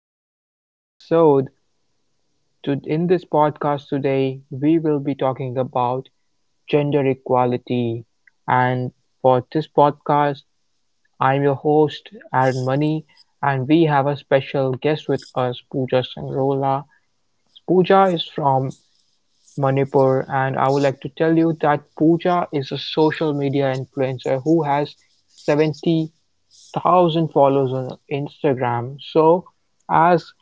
back to today's episode. In this podcast today, we will be talking about gender equality. And for this podcast, I'm your host, Aaron Money, and we have a special guest with us, Pooja Sangrola. Pooja is from Manipur, and I would like to tell you that Pooja is a social media influencer who has 70,000 followers on Instagram. So, as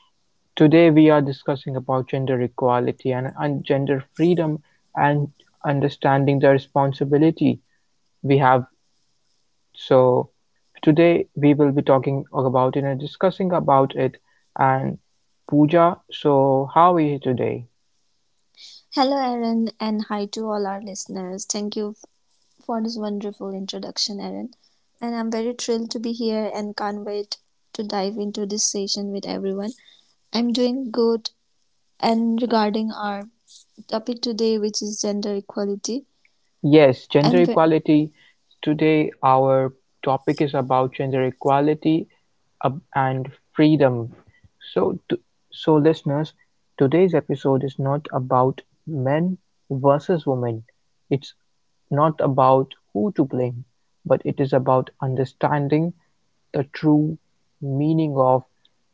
today we are discussing about gender equality and gender freedom and understanding the responsibility we have. So today we will be talking about it and discussing about it and Pooja. So how are you today? Hello, Aaron, and hi to all our listeners. Thank you for this wonderful introduction, Aaron. And I'm very thrilled to be here and can't wait to dive into this session with everyone. I'm doing good. And regarding our topic today, which is gender equality, Yes, gender I'm very. equality. Today, our topic is about gender equality and freedom. So, so listeners, today's episode is not about men versus women. It's not about who to blame, but it is about understanding the true meaning of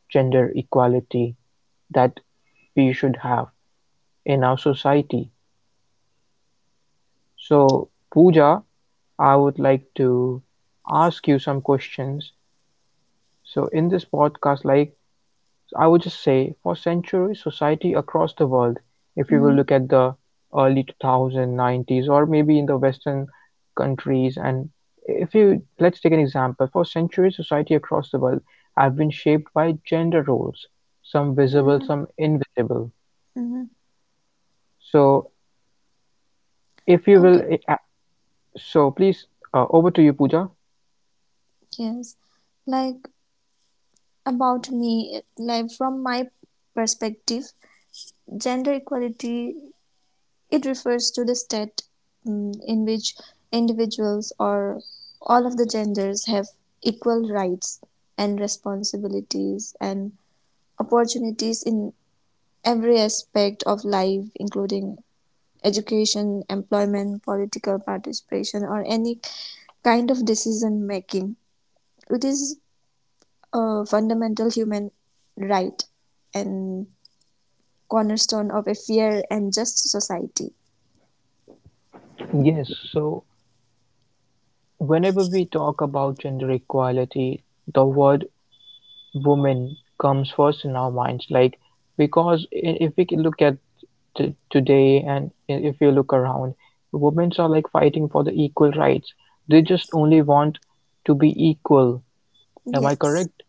gender equality that we should have in our society. So, Pooja, I would like to ask you some questions. So, in this podcast, like I would just say, for centuries, society across the world, if you will Hmm look at the early 2090s or maybe in the Western countries, and if you let's take an example, for centuries, society across the world have been shaped by gender roles, some visible, hmm some invisible. hmm So, if you will, Okay, uh, so please, over to you, Pooja. yes. Like about me, from my perspective, gender equality it refers to the state in which individuals or all of the genders have equal rights and responsibilities and opportunities in every aspect of life, including education, employment, political participation, or any kind of decision making. It is a fundamental human right and cornerstone of a fair and just society. Yes, so whenever we talk about gender equality, the word woman comes first in our minds. Like, because if we can look at today and if you look around, women are like fighting for the equal rights. They just only want to be equal. Am I Yes. correct?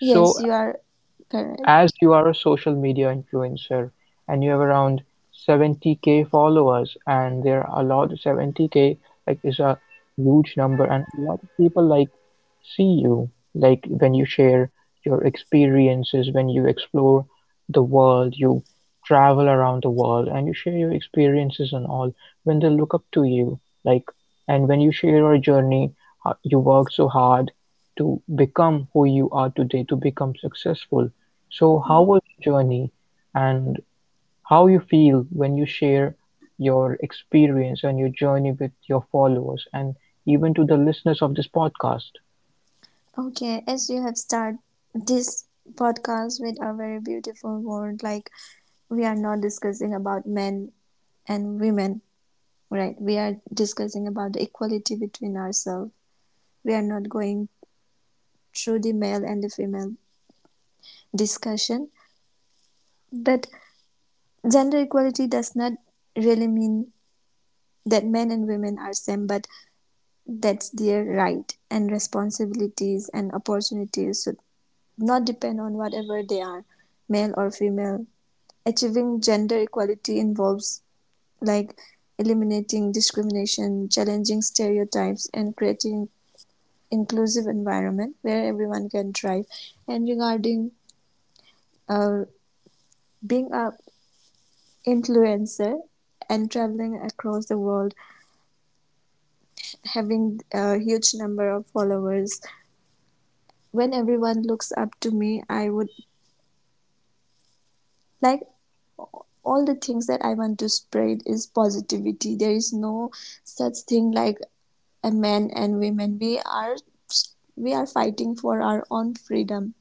Yes, you are correct. as you are a social media influencer and you have around 70k followers, and there are a lot. 70k like is a huge number and a lot of people like see you like when you share your experiences, when you explore the world, you travel around the world and you share your experiences and all, when they look up to you, like, and when you share your journey, how you work so hard to become who you are today, to become successful. So how Mhm. was your journey and how you feel when you share your experience and your journey with your followers and even to the listeners of this podcast? Okay, as you have started this podcast with a very beautiful word, like we are not discussing about men and women, right? We are discussing about the equality between ourselves. We are not going through the male and the female discussion, but gender equality does not really mean that men and women are same, but that's their right and responsibilities and opportunities should not depend on whatever they are, male or female. Achieving gender equality involves like eliminating discrimination, challenging stereotypes, and creating inclusive environment where everyone can thrive. And regarding uh, being a influencer and traveling across the world, having a huge number of followers, when everyone looks up to me, I would like all the things that I want to spread is positivity. There is no such thing like a men and women. We are fighting for our own freedom.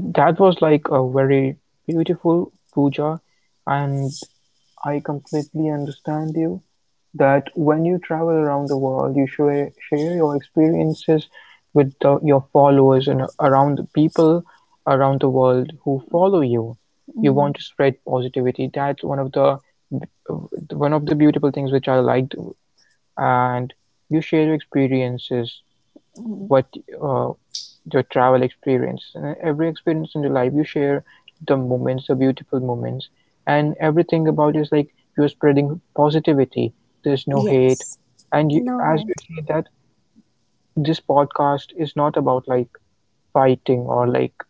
That was like a very beautiful, puja, and I completely understand you, that when you travel around the world, you share your experiences with your followers and around the people around the world who follow you. You Mhm. want to spread positivity. That's one of the beautiful things which I liked, and you share your experiences, Mhm. what uh, your travel experience. And every experience in your life you share, the moments, the beautiful moments, and everything about is like you're spreading positivity. There's no hate, Yes. and you, No as head. you say that this podcast is not about like fighting or like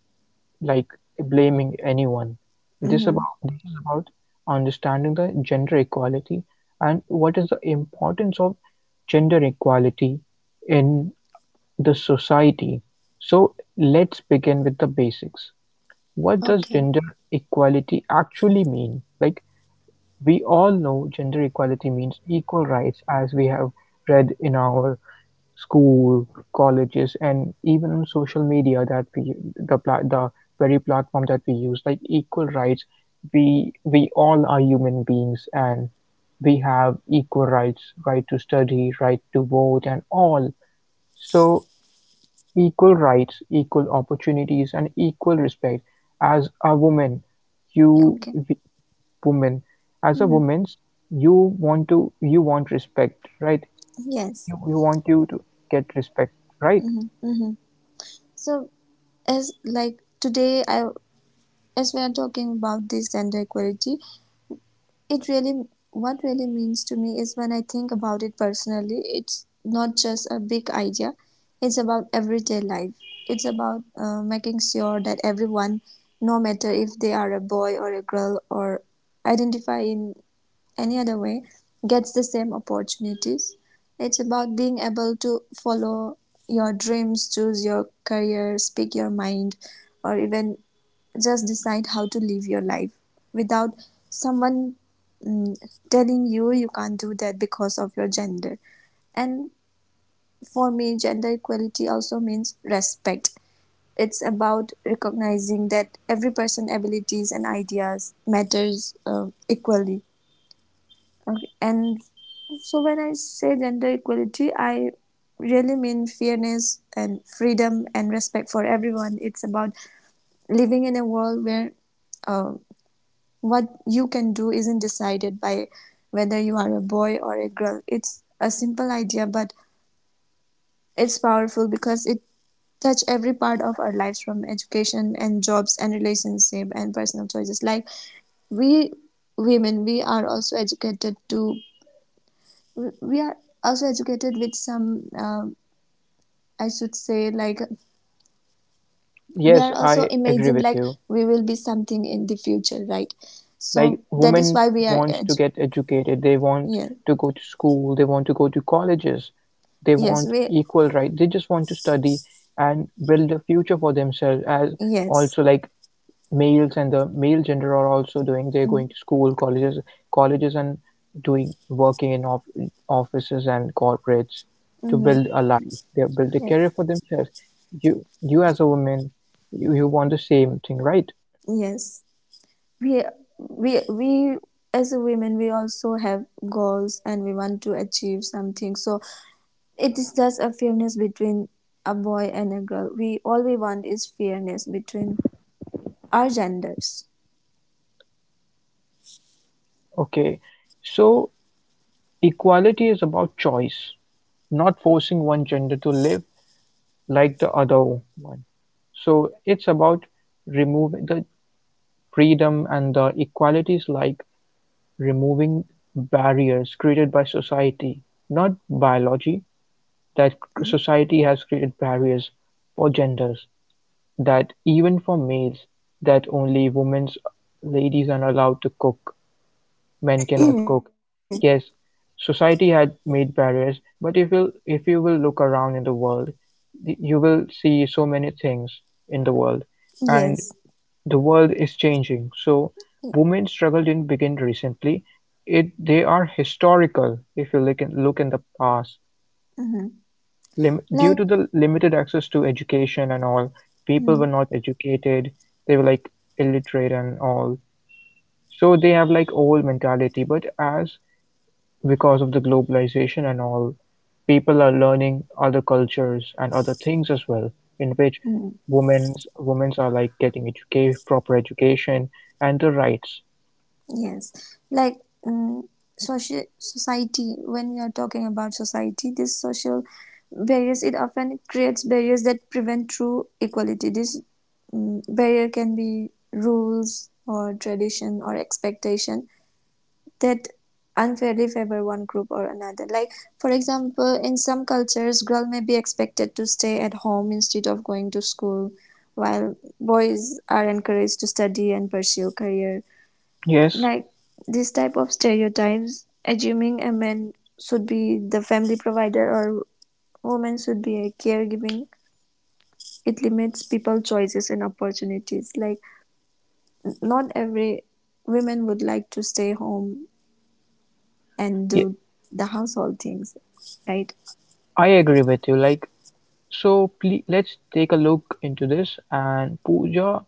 like blaming anyone. This Hmm. about this is about understanding the gender equality and what is the importance of gender equality in the society. So let's begin with the basics. What does Okay. gender equality actually mean? Like, we all know gender equality means equal rights, as we have read in our school, colleges, and even on social media, that we the the very platform that we use, like equal rights. We all are human beings and we have equal rights, right to study, right to vote, and all. So equal rights, equal opportunities and equal respect as a woman, you Okay. woman, as a Hmm. woman's, you want to you want respect, right? Yes. You want you to get respect, right? Hmm. So as like today, I as we are talking about this gender equality, It really, what really means to me is when I think about it personally, it's not just a big idea, it's about everyday life. It's about making sure that everyone, no matter if they are a boy or a girl or identify in any other way, gets the same opportunities. It's about being able to follow your dreams, choose your career, speak your mind, or even just decide how to live your life without someone mm, telling you you can't do that because of your gender. And for me, gender equality also means respect. It's about recognizing that every person's abilities and ideas matters equally. Okay. And so when I say gender equality, I really mean fairness and freedom and respect for everyone. It's about living in a world where uh, What you can do isn't decided by whether you are a boy or a girl. It's a simple idea, but it's powerful because it touch every part of our lives from education and jobs and relationship and personal choices like we women we are also educated to we- are also educated with some I should say like we are Yes, also I agree imagined with like you. we will be something in the future, right? Like, So that is women why we are wants to get educated. They want yeah to go to school, they want to go to colleges, they yes want we. equal rights. They just want to study and build a future for themselves, as Yes. also like males and the male gender are also doing. They're going Mm. to school, colleges, and doing working in offices and corporates to Mm-hmm. build a life. They build a career Yes. for themselves. You as a woman, you want the same thing, right? Yes. We we as a women we also have goals and we want to achieve something. So it is just a fairness between a boy and a girl. We all we want is fairness between our genders. Okay. So equality is about choice, not forcing one gender to live like the other one. So it's about removing the freedom and the equalities, like removing barriers created by society, not biology, that society has created barriers for genders, that even for males, that only women's ladies are allowed to cook, men cannot Yes. cook. Yes, society had made barriers, but if you will look around in the world, you will see so many things in the world, and the world is changing. So Yeah. women's struggle didn't begin recently. It they are historical if you look in the past. Mm-hmm. Lim, due Like. to the limited access to education and all, people were not educated. They were like illiterate and all. So they have like old mentality. But as because of the globalization and all, people are learning other cultures and other things as well, in which Mm-hmm. women's are like getting educate proper education and the rights. Yes, like mm social society. When we are talking about society, this social barriers it often creates barriers that prevent true equality. This barrier can be rules or tradition or expectation that unfairly favor one group or another. Like for example, in some cultures, girl may be expected to stay at home instead of going to school, while boys are encouraged to study and pursue career Yes, like this type of stereotypes assuming a man should be the family provider or woman should be a caregiving it limits people choices and opportunities like not every women would like to stay home and ye- do the household things, right? I agree with you. Like, so please let's take a look into this. And Pooja,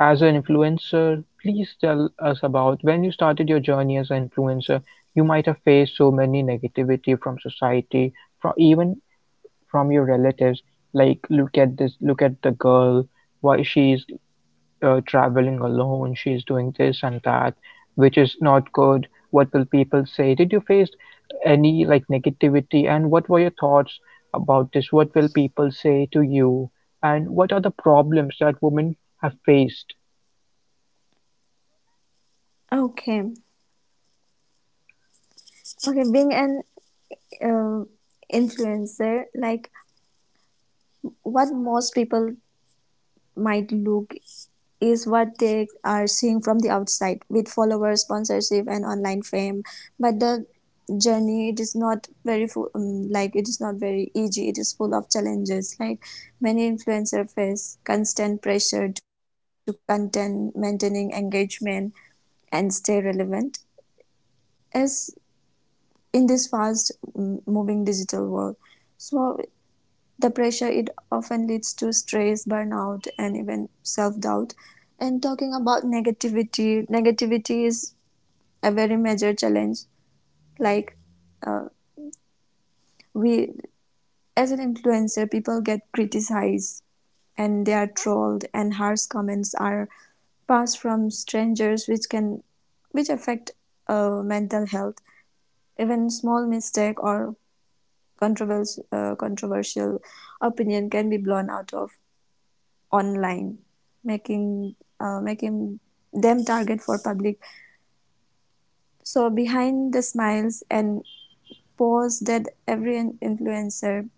as an influencer, please tell us about when you started your journey as an influencer. You might have faced so many negativity from society, from even from your relatives. Like, look at this, look at the girl, why she's traveling alone, she's doing this and that, which is not good. What will people say? Did you face any like negativity? And what were your thoughts about this? What will people say to you? And what are the problems that women have faced? Okay. Okay, being an uh, influencer, like what most people might look is what they are seeing from the outside with followers, sponsorship, and online fame. But the journey it is not very full, like it is not very easy. It is full of challenges. Like many influencers face constant pressure to create content, maintaining engagement, and stay relevant as in this fast moving digital world. So the pressure it often leads to stress, burnout, and even self-doubt. And talking about negativity, negativity is a very major challenge. Like uh, we, as an influencer, people get criticized and they are trolled, and harsh comments are passed from strangers, which affect mental health. Even small mistake or controversial opinion can be blown out of online, making them target for public. So behind the smiles and pose that every influencer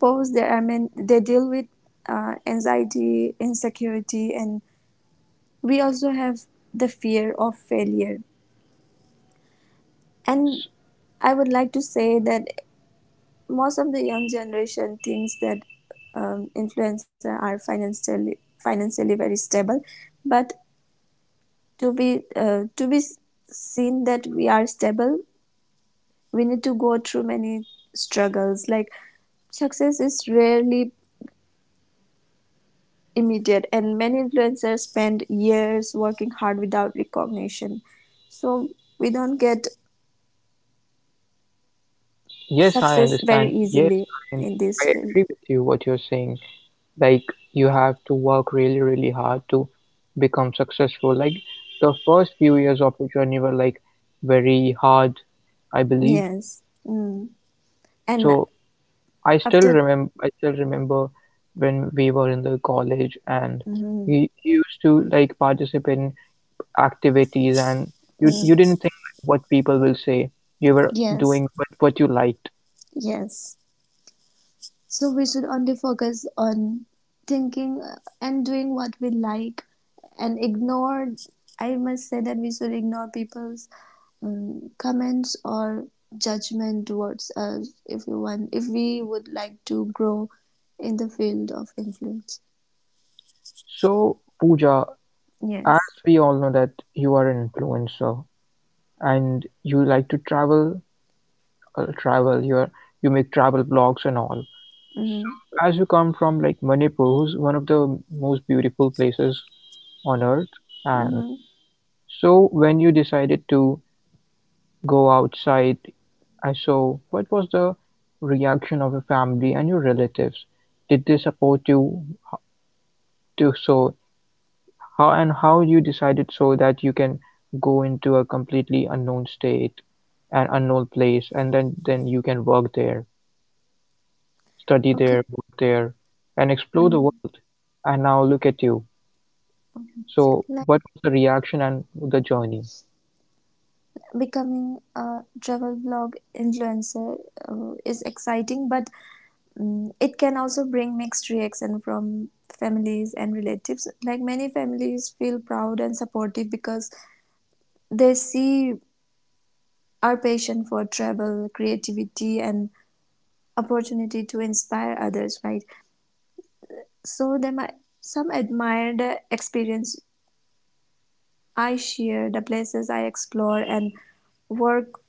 pose, there are men they deal with anxiety, insecurity, and we also have the fear of failure. And S- I would like to say that most of the young generation thinks that influencers are financially very stable, but to be to be seen that we are stable we need to go through many struggles like success is rarely immediate and many influencers spend years working hard without recognition, so we don't get Yes, I success very understand. Yes, easily I and in I this field. agree with you what you're saying. Like you have to work really, really hard to become successful. Like the first few years of your journey were like very hard, I believe. Yes. Mm. and So after. I still remember when we were in the college and Mm. You used to like participate in activities and you Mm. didn't think like what people will say. You were Yes. doing what you liked. Yes. So we should only focus on thinking and doing what we like and ignore. I must say that we should ignore people's comments or judgment towards us if we want, if we would like to grow in the field of influence. So Pooja, Yes. as we all know that you are an influencer and you like to travel, travel. You are, you make travel blogs and all. Mm-hmm. So as you come from like Manipur, who's one of the most beautiful places on earth, and Mm-hmm. So when you decided to go outside, I saw, what was the reaction of your family and your relatives? Did they support you to so how and how you decided so that you can go into a completely unknown state and unknown place, and then you can work there, study Okay. there, work there, and explore the Mm-hmm. world. And now look at you. Okay. So Like what was the reaction and the journey? becoming a travel blog influencer is exciting, but it can also bring mixed reaction from families and relatives. Like many families feel proud and supportive because they see our passion for travel, creativity, and opportunity to inspire others, right? So they might some admire the experience I share, the places I explore, and work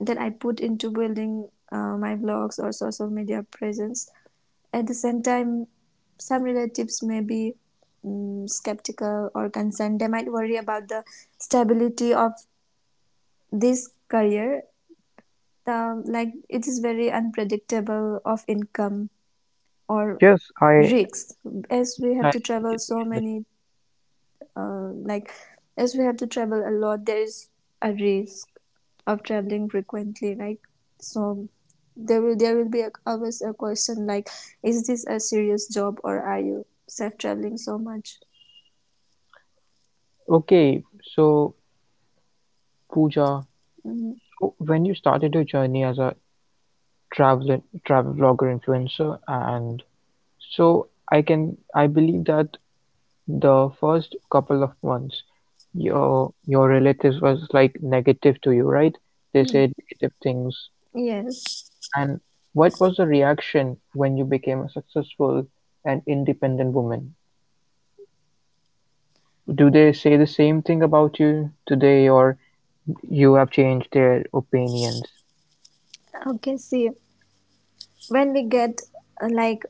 that I put into building my blogs or social media presence. At the same time, some relatives may be skeptical or concerned. They might worry about the stability of this career. The, like it is very unpredictable of income or Yes, I risks as we yes, have to I travel yes, I so many understand. Like as we have to travel a lot there is a risk of traveling frequently, right? So there will be a, always a question like is this a serious job or are you self traveling so much. Okay, so Pooja, Mhm. so when you started your journey as a travel blogger influencer, and so I can I believe that the first couple of months, your relatives was like negative to you, right? They Mm. said negative things. Yes. And what was the reaction when you became a successful and independent woman? Do they say the same thing about you today, or you have changed their opinions? Okay, see when we get like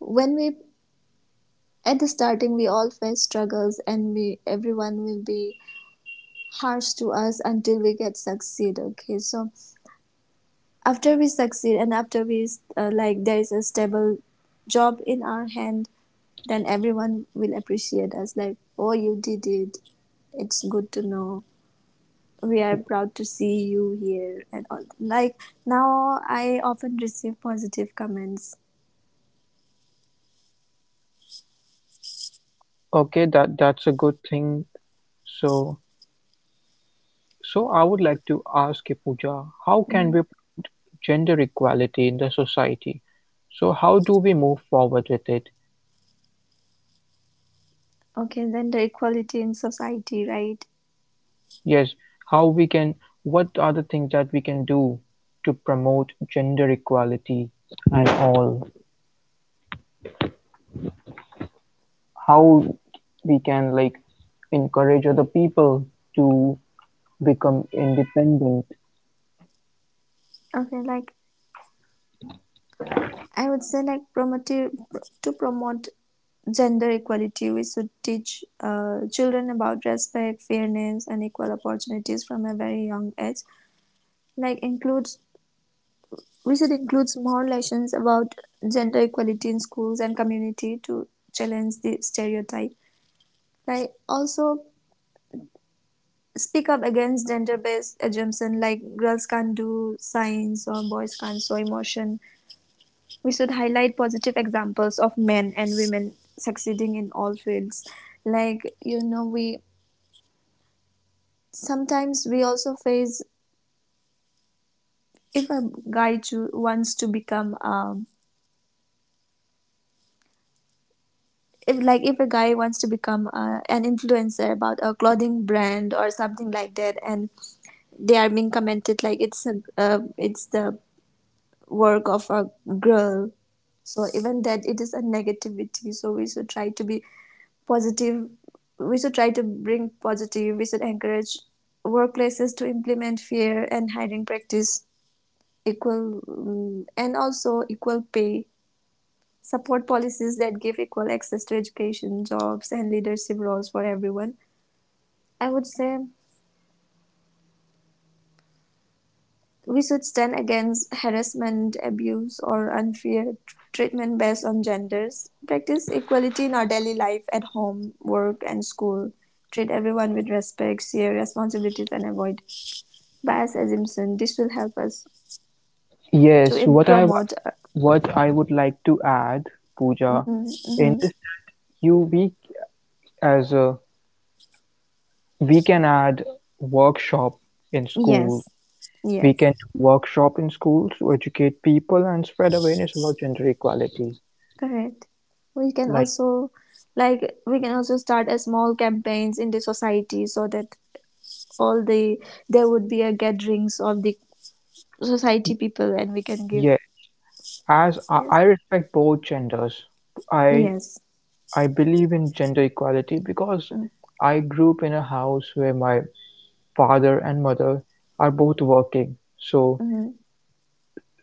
when we at the starting we all face struggles and we everyone will be harsh to us until we get succeed. Okay, so after we succeed and after we like there is a stable job in our hand then everyone will appreciate us like oh you did it it's good to know we are proud to see you here and all, like now I often receive positive comments. Okay, that that's a good thing. So, so I would like to ask you, Pooja, how can Mhm. we promote gender equality in the society? So, how do we move forward with it? Okay, then the equality in society, right? Yes, how we can, what are the things that we can do to promote gender equality and all? How we can like encourage other people to become independent. Okay, like I would say like promotive to promote gender equality we should teach children about respect fairness and equal opportunities from a very young age like include We should include more lessons about gender equality in schools and community to challenge the stereotype. Like also speak up against gender-based assumptions, like girls can't do science or boys can't show emotion. We should highlight positive examples of men and women succeeding in all fields. Like you know, we sometimes we also face if a guy wants to become a if like if a guy wants to become an influencer about a clothing brand or something like that and they are being commented like it's a it's the work of a girl so even that it is a negativity so we should try to be positive we should try to bring positive we should encourage workplaces to implement fair and hiring practice equal and also equal pay. Support policies that give equal access to education, jobs, and leadership roles for everyone. I would say we should stand against harassment, abuse, or unfair treatment based on genders. Practice equality in our daily life at home, work, and school. Treat everyone with respect, share responsibilities, and avoid bias assumption. This will help us to Yes, what I wa promote. What I would like to add, Pooja, Mhm, mhm. in this that you we as a we can add workshop in schools. Yes, We yes. can do workshop in schools to educate people and spread awareness about gender equality. Correct. We can Like also like we can also start a small campaigns in the society so that all the there would be a gatherings of the y- society people and we can give. yes, as Yes. I respect both genders, I Yes. I believe in gender equality because Mm-hmm. I grew up in a house where my father and mother are both working. So Mm-hmm.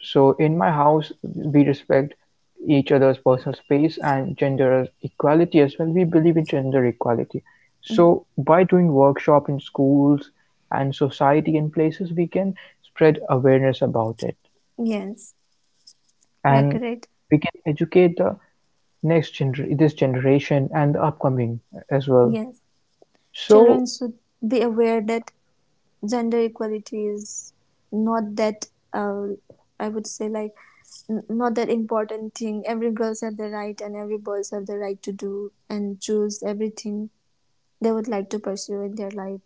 so in my house, we respect each other's personal space and gender equality as well. We believe in gender equality. So by doing workshop in schools and society and places, we can spread awareness about it, Yes. Yeah, and correct. we can educate the next this generation and the upcoming as well. Yes, children So should be aware that gender equality is not that uh, I would say like not that important thing every girls have the right and every boys have the right to do and choose everything they would like to pursue in their life.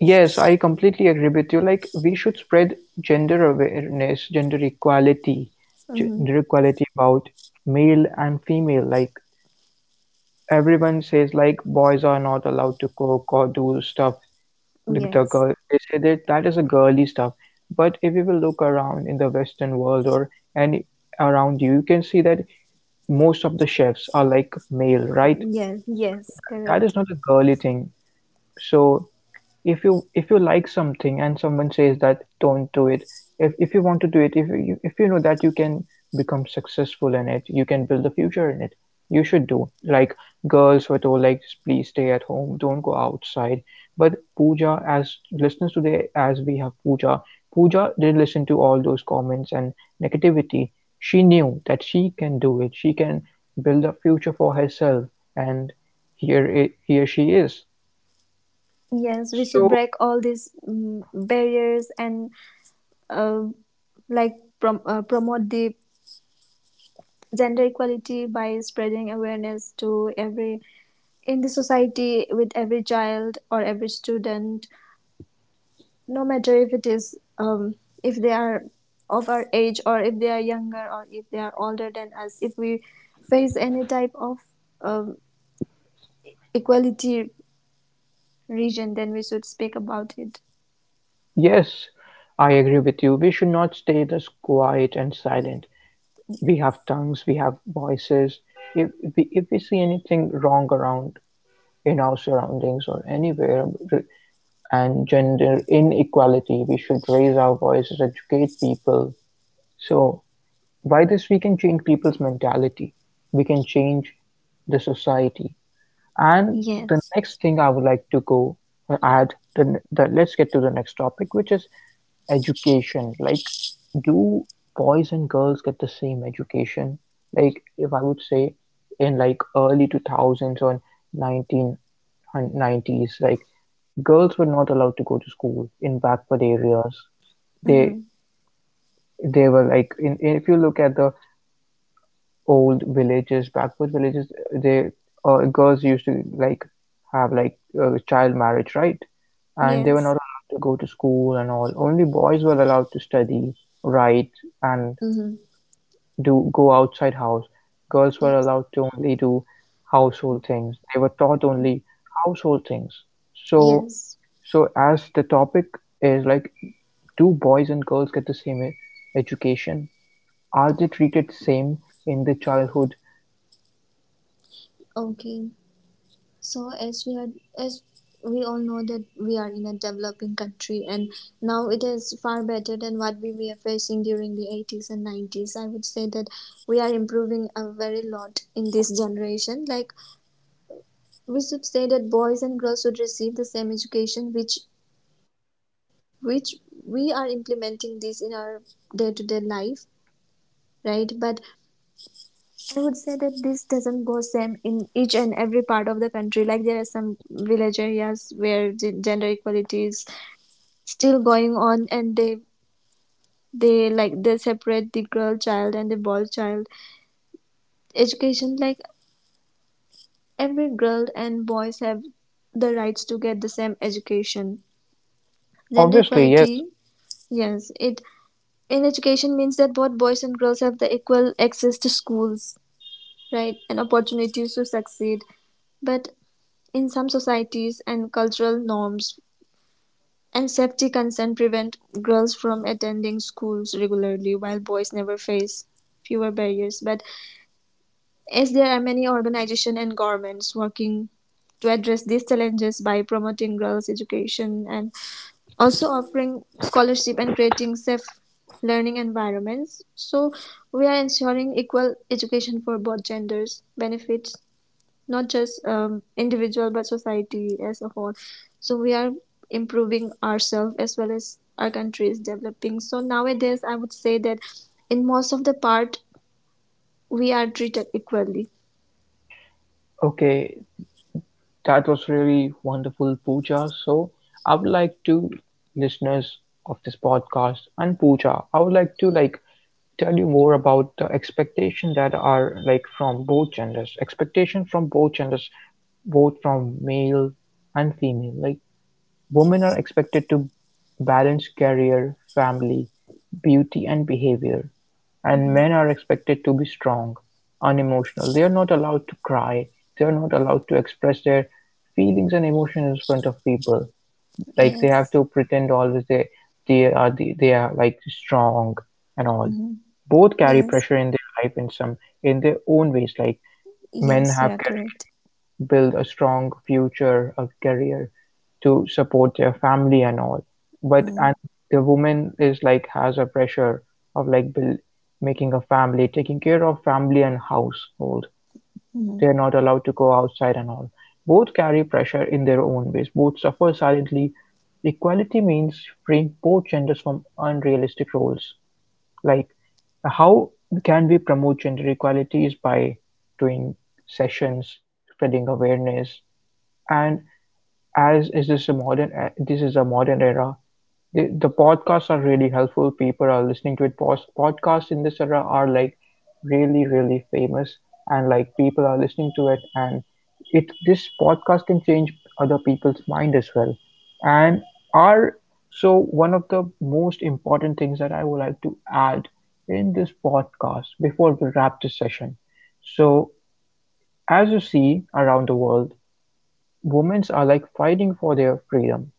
yes, I completely agree with you. Like, we should spread gender awareness, Mhm. gender equality about male and female. Like, everyone says, like, boys are not allowed to cook or do stuff. Like the Yes, girl, they say that that is a girly stuff. But if you will look around in the Western world or any around you, you can see that most of the chefs are like male, right? yes, So yes, that that correct. is not a girly thing. So if you like something and someone says that don't do it, if you want to do it, if you know that you can become successful in it, you can build a future in it, you should do. Like, girls were told like just please stay at home, don't go outside. But Pooja, as listeners today, as we have Pooja, Pooja did not listen to all those comments and negativity. She knew that she can do it, she can build a future for herself, and here she is. Yes, we should So break all these barriers and uh, like promote the gender equality by spreading awareness to every in the society with every child or every student, no matter if it is if they are of our age or if they are younger or if they are older than us, if we face any type of um, equality region, then we should speak about it. yes, I agree with you. We should not stay this quiet and silent. We have tongues, we have voices. If we see anything wrong around in our surroundings or anywhere, and gender inequality, we should raise our voices, educate people. So by this, we can change people's mentality. We can change the society. And the Yes. next thing I would like to go add the let's get to the next topic, which is education. Like, do boys and girls get the same education? Like, if I would say in like early 2000s or 1990s, like girls were not allowed to go to school in backward areas. They Hmm. they were like in, if you look at the old villages, backward villages, they, girls used to like have like child marriage, right? And they were Yes. not allowed to go to school and all. Only boys were allowed to study, write, and Mm-hmm. do go outside house. Girls were Yes. allowed to only do household things. They were taught only household things. So, Yes. so as the topic is like, do boys and girls get the same education? Are they treated same in the childhood? Okay. As we all know that we are in a developing country and now it is far better than what we were facing during the 80s and 90s. I would say that we are improving a very lot in this generation. Like, we should say that boys and girls should receive the same education, which we are implementing this in our day to day life, right? But I would say that this doesn't go same in each and every part of the country. Like, there are some village areas where gender equality is still going on, and they like they separate the girl child and the boy child education. Like, every girl and boys have the rights to get the same education, gender Obviously, yes. equality. Yes, it in education means that both boys and girls have the equal access to schools, right, and opportunities to succeed. But in some societies and cultural norms, and anxiety concerns prevent girls from attending schools regularly, while boys never face fewer barriers. But as there are many organizations and governments working to address these challenges by promoting girls' education and also offering scholarship and creating safe learning environments. So we are ensuring equal education for both genders benefits not just individual but society as a whole. So we are improving ourselves as well as our country is developing. So nowadays I would say that in most of the part we are treated equally. Okay, that was really wonderful, Pooja. So, I would like to, listeners of this podcast and Pooja, I would like to like tell you more about the expectation that are like from both genders, expectation from both genders, both from male and female. Like, women are expected to balance career, family, beauty and behavior, and Mm-hmm. men are expected to be strong, unemotional. They are not allowed to cry. They are not allowed to express their feelings and emotions in front of people. Like they have Yes. to pretend always they are they are like strong and all. Mm-hmm. Both carry Yes. pressure in their life, in some in their own ways. Like men Yes, you have are career correct. to build a strong future, a career to support their family and all. but Mm-hmm. and the woman is like has a pressure of like making a family, taking care of family and household. They're not allowed to go outside and all. Both carry pressure in their own ways, both suffer silently. Equality means freeing both genders from unrealistic roles. Like, how can we promote gender equality is by doing sessions, spreading awareness, and as is this a modern, this is a modern era. The podcasts are really helpful. People are listening to it. Podcasts in this era are like really, really famous, and like people are listening to it, and it this podcast can change other people's mind as well. And are so one of the most important things that I would like to add in this podcast before we wrap this session. So as you see around the world, women are like fighting for their freedom,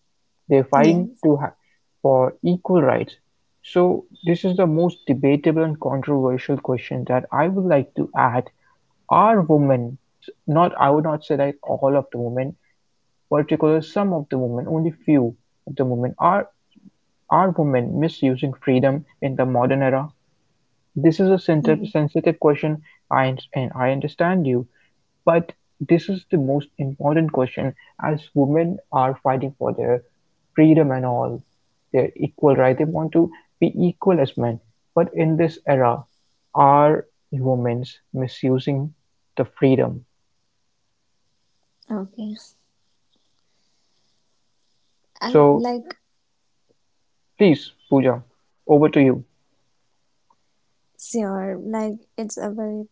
they're fighting Yes. For equal rights. So this is the most debatable and controversial question that I would like to add. Are women, not I would not say that all of the women, particularly some of the women, only few of the women are women misusing freedom in the modern era? This is a Mm-hmm. sensitive question. I, and I understand you, but this is the most important question as women are fighting for their freedom and all, their equal right. They want to be equal as men. But in this era, are women's misusing the freedom? Okay. I'm So like please, Pooja, over to you. sure. Like, it's a very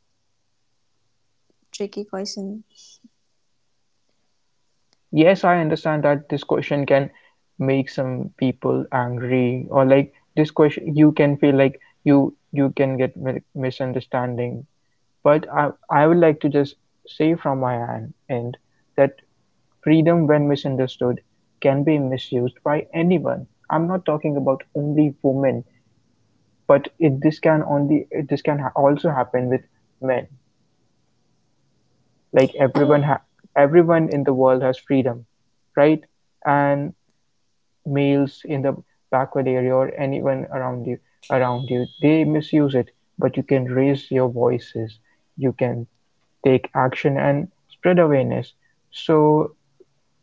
tricky question. Yes, I understand that this question can make some people angry, or like this question you can feel like you can get misunderstanding. But I would like to just say from my end that freedom, when misunderstood, can be misused by anyone. I'm not talking about only women, but this this can also happen with men. Like I everyone, everyone in the world has freedom, right? And males in the backward area or anyone around you, they misuse it. But you can raise your voices. You can take action and spread awareness. So,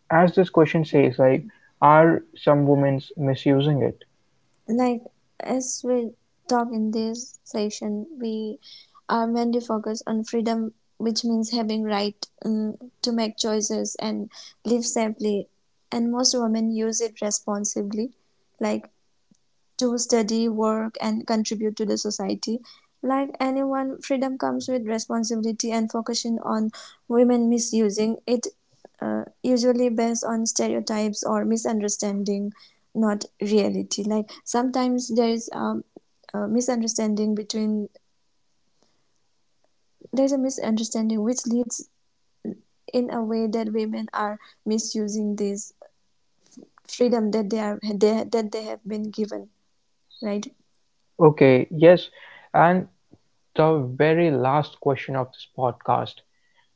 as this question says, like, are some women misusing it? like as we talk in this session, we are mainly focused on freedom, which means having right to make choices and live safely, and most women use it responsibly, like to study, work, and contribute to the society. Like anyone, freedom comes with responsibility, and focusing on women misusing it, usually based on stereotypes or misunderstanding, not reality. Like sometimes there is a misunderstanding between there's a misunderstanding which leads in a way that women are misusing this freedom that that they have been given, right? Okay, yes. And the very last question of this podcast.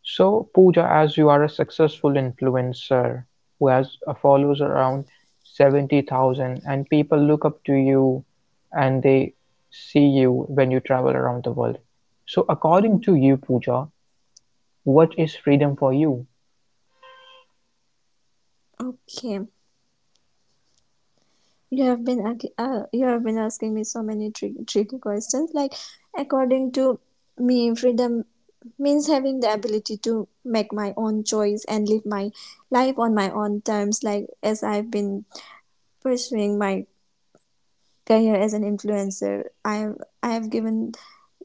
So, Pooja, as you are a successful influencer who has a followers around 70,000 and people look up to you and they see you when you travel around the world. So, according Mm. to you, Pooja, what is freedom for you? Okay. You have been you have been asking me so many tricky questions. Like, according to me, freedom means having the ability to make my own choice and live my life on my own terms. Like, as I've been pursuing my career as an influencer, I have given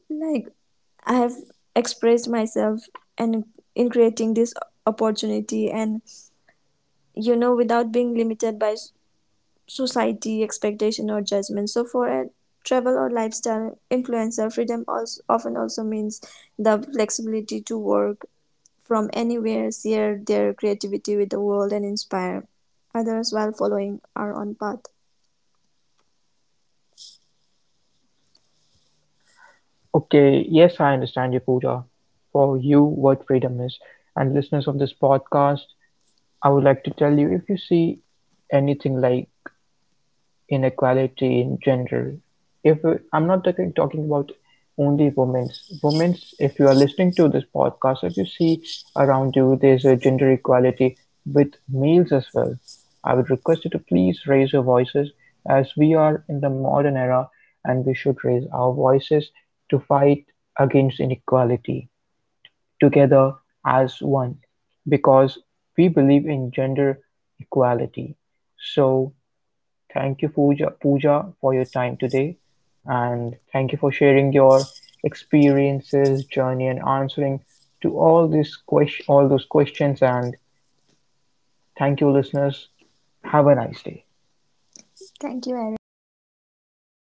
like I have expressed myself and in creating this opportunity and you know without being limited by society expectation or judgment. So for a travel or lifestyle influencer, freedom also often also means the flexibility to work from anywhere, share their creativity with the world, and inspire others while following our own path. Okay, yes, I understand you, Pooja, for you what freedom is. And listeners of this podcast, I would like to tell you if you see anything like inequality in general. If I'm not talking about only women's, if you are listening to this podcast, if you see around you there's a gender equality with males as well, I would request you to please raise your voices as we are in the modern era and we should raise our voices to fight against inequality together as one because we believe in gender equality. So thank you, Pooja, for your time today, and thank you for sharing your experiences, journey, and answering to all those questions. And thank you, listeners. Have a nice day. Thank you, Erin, and I wish you a merry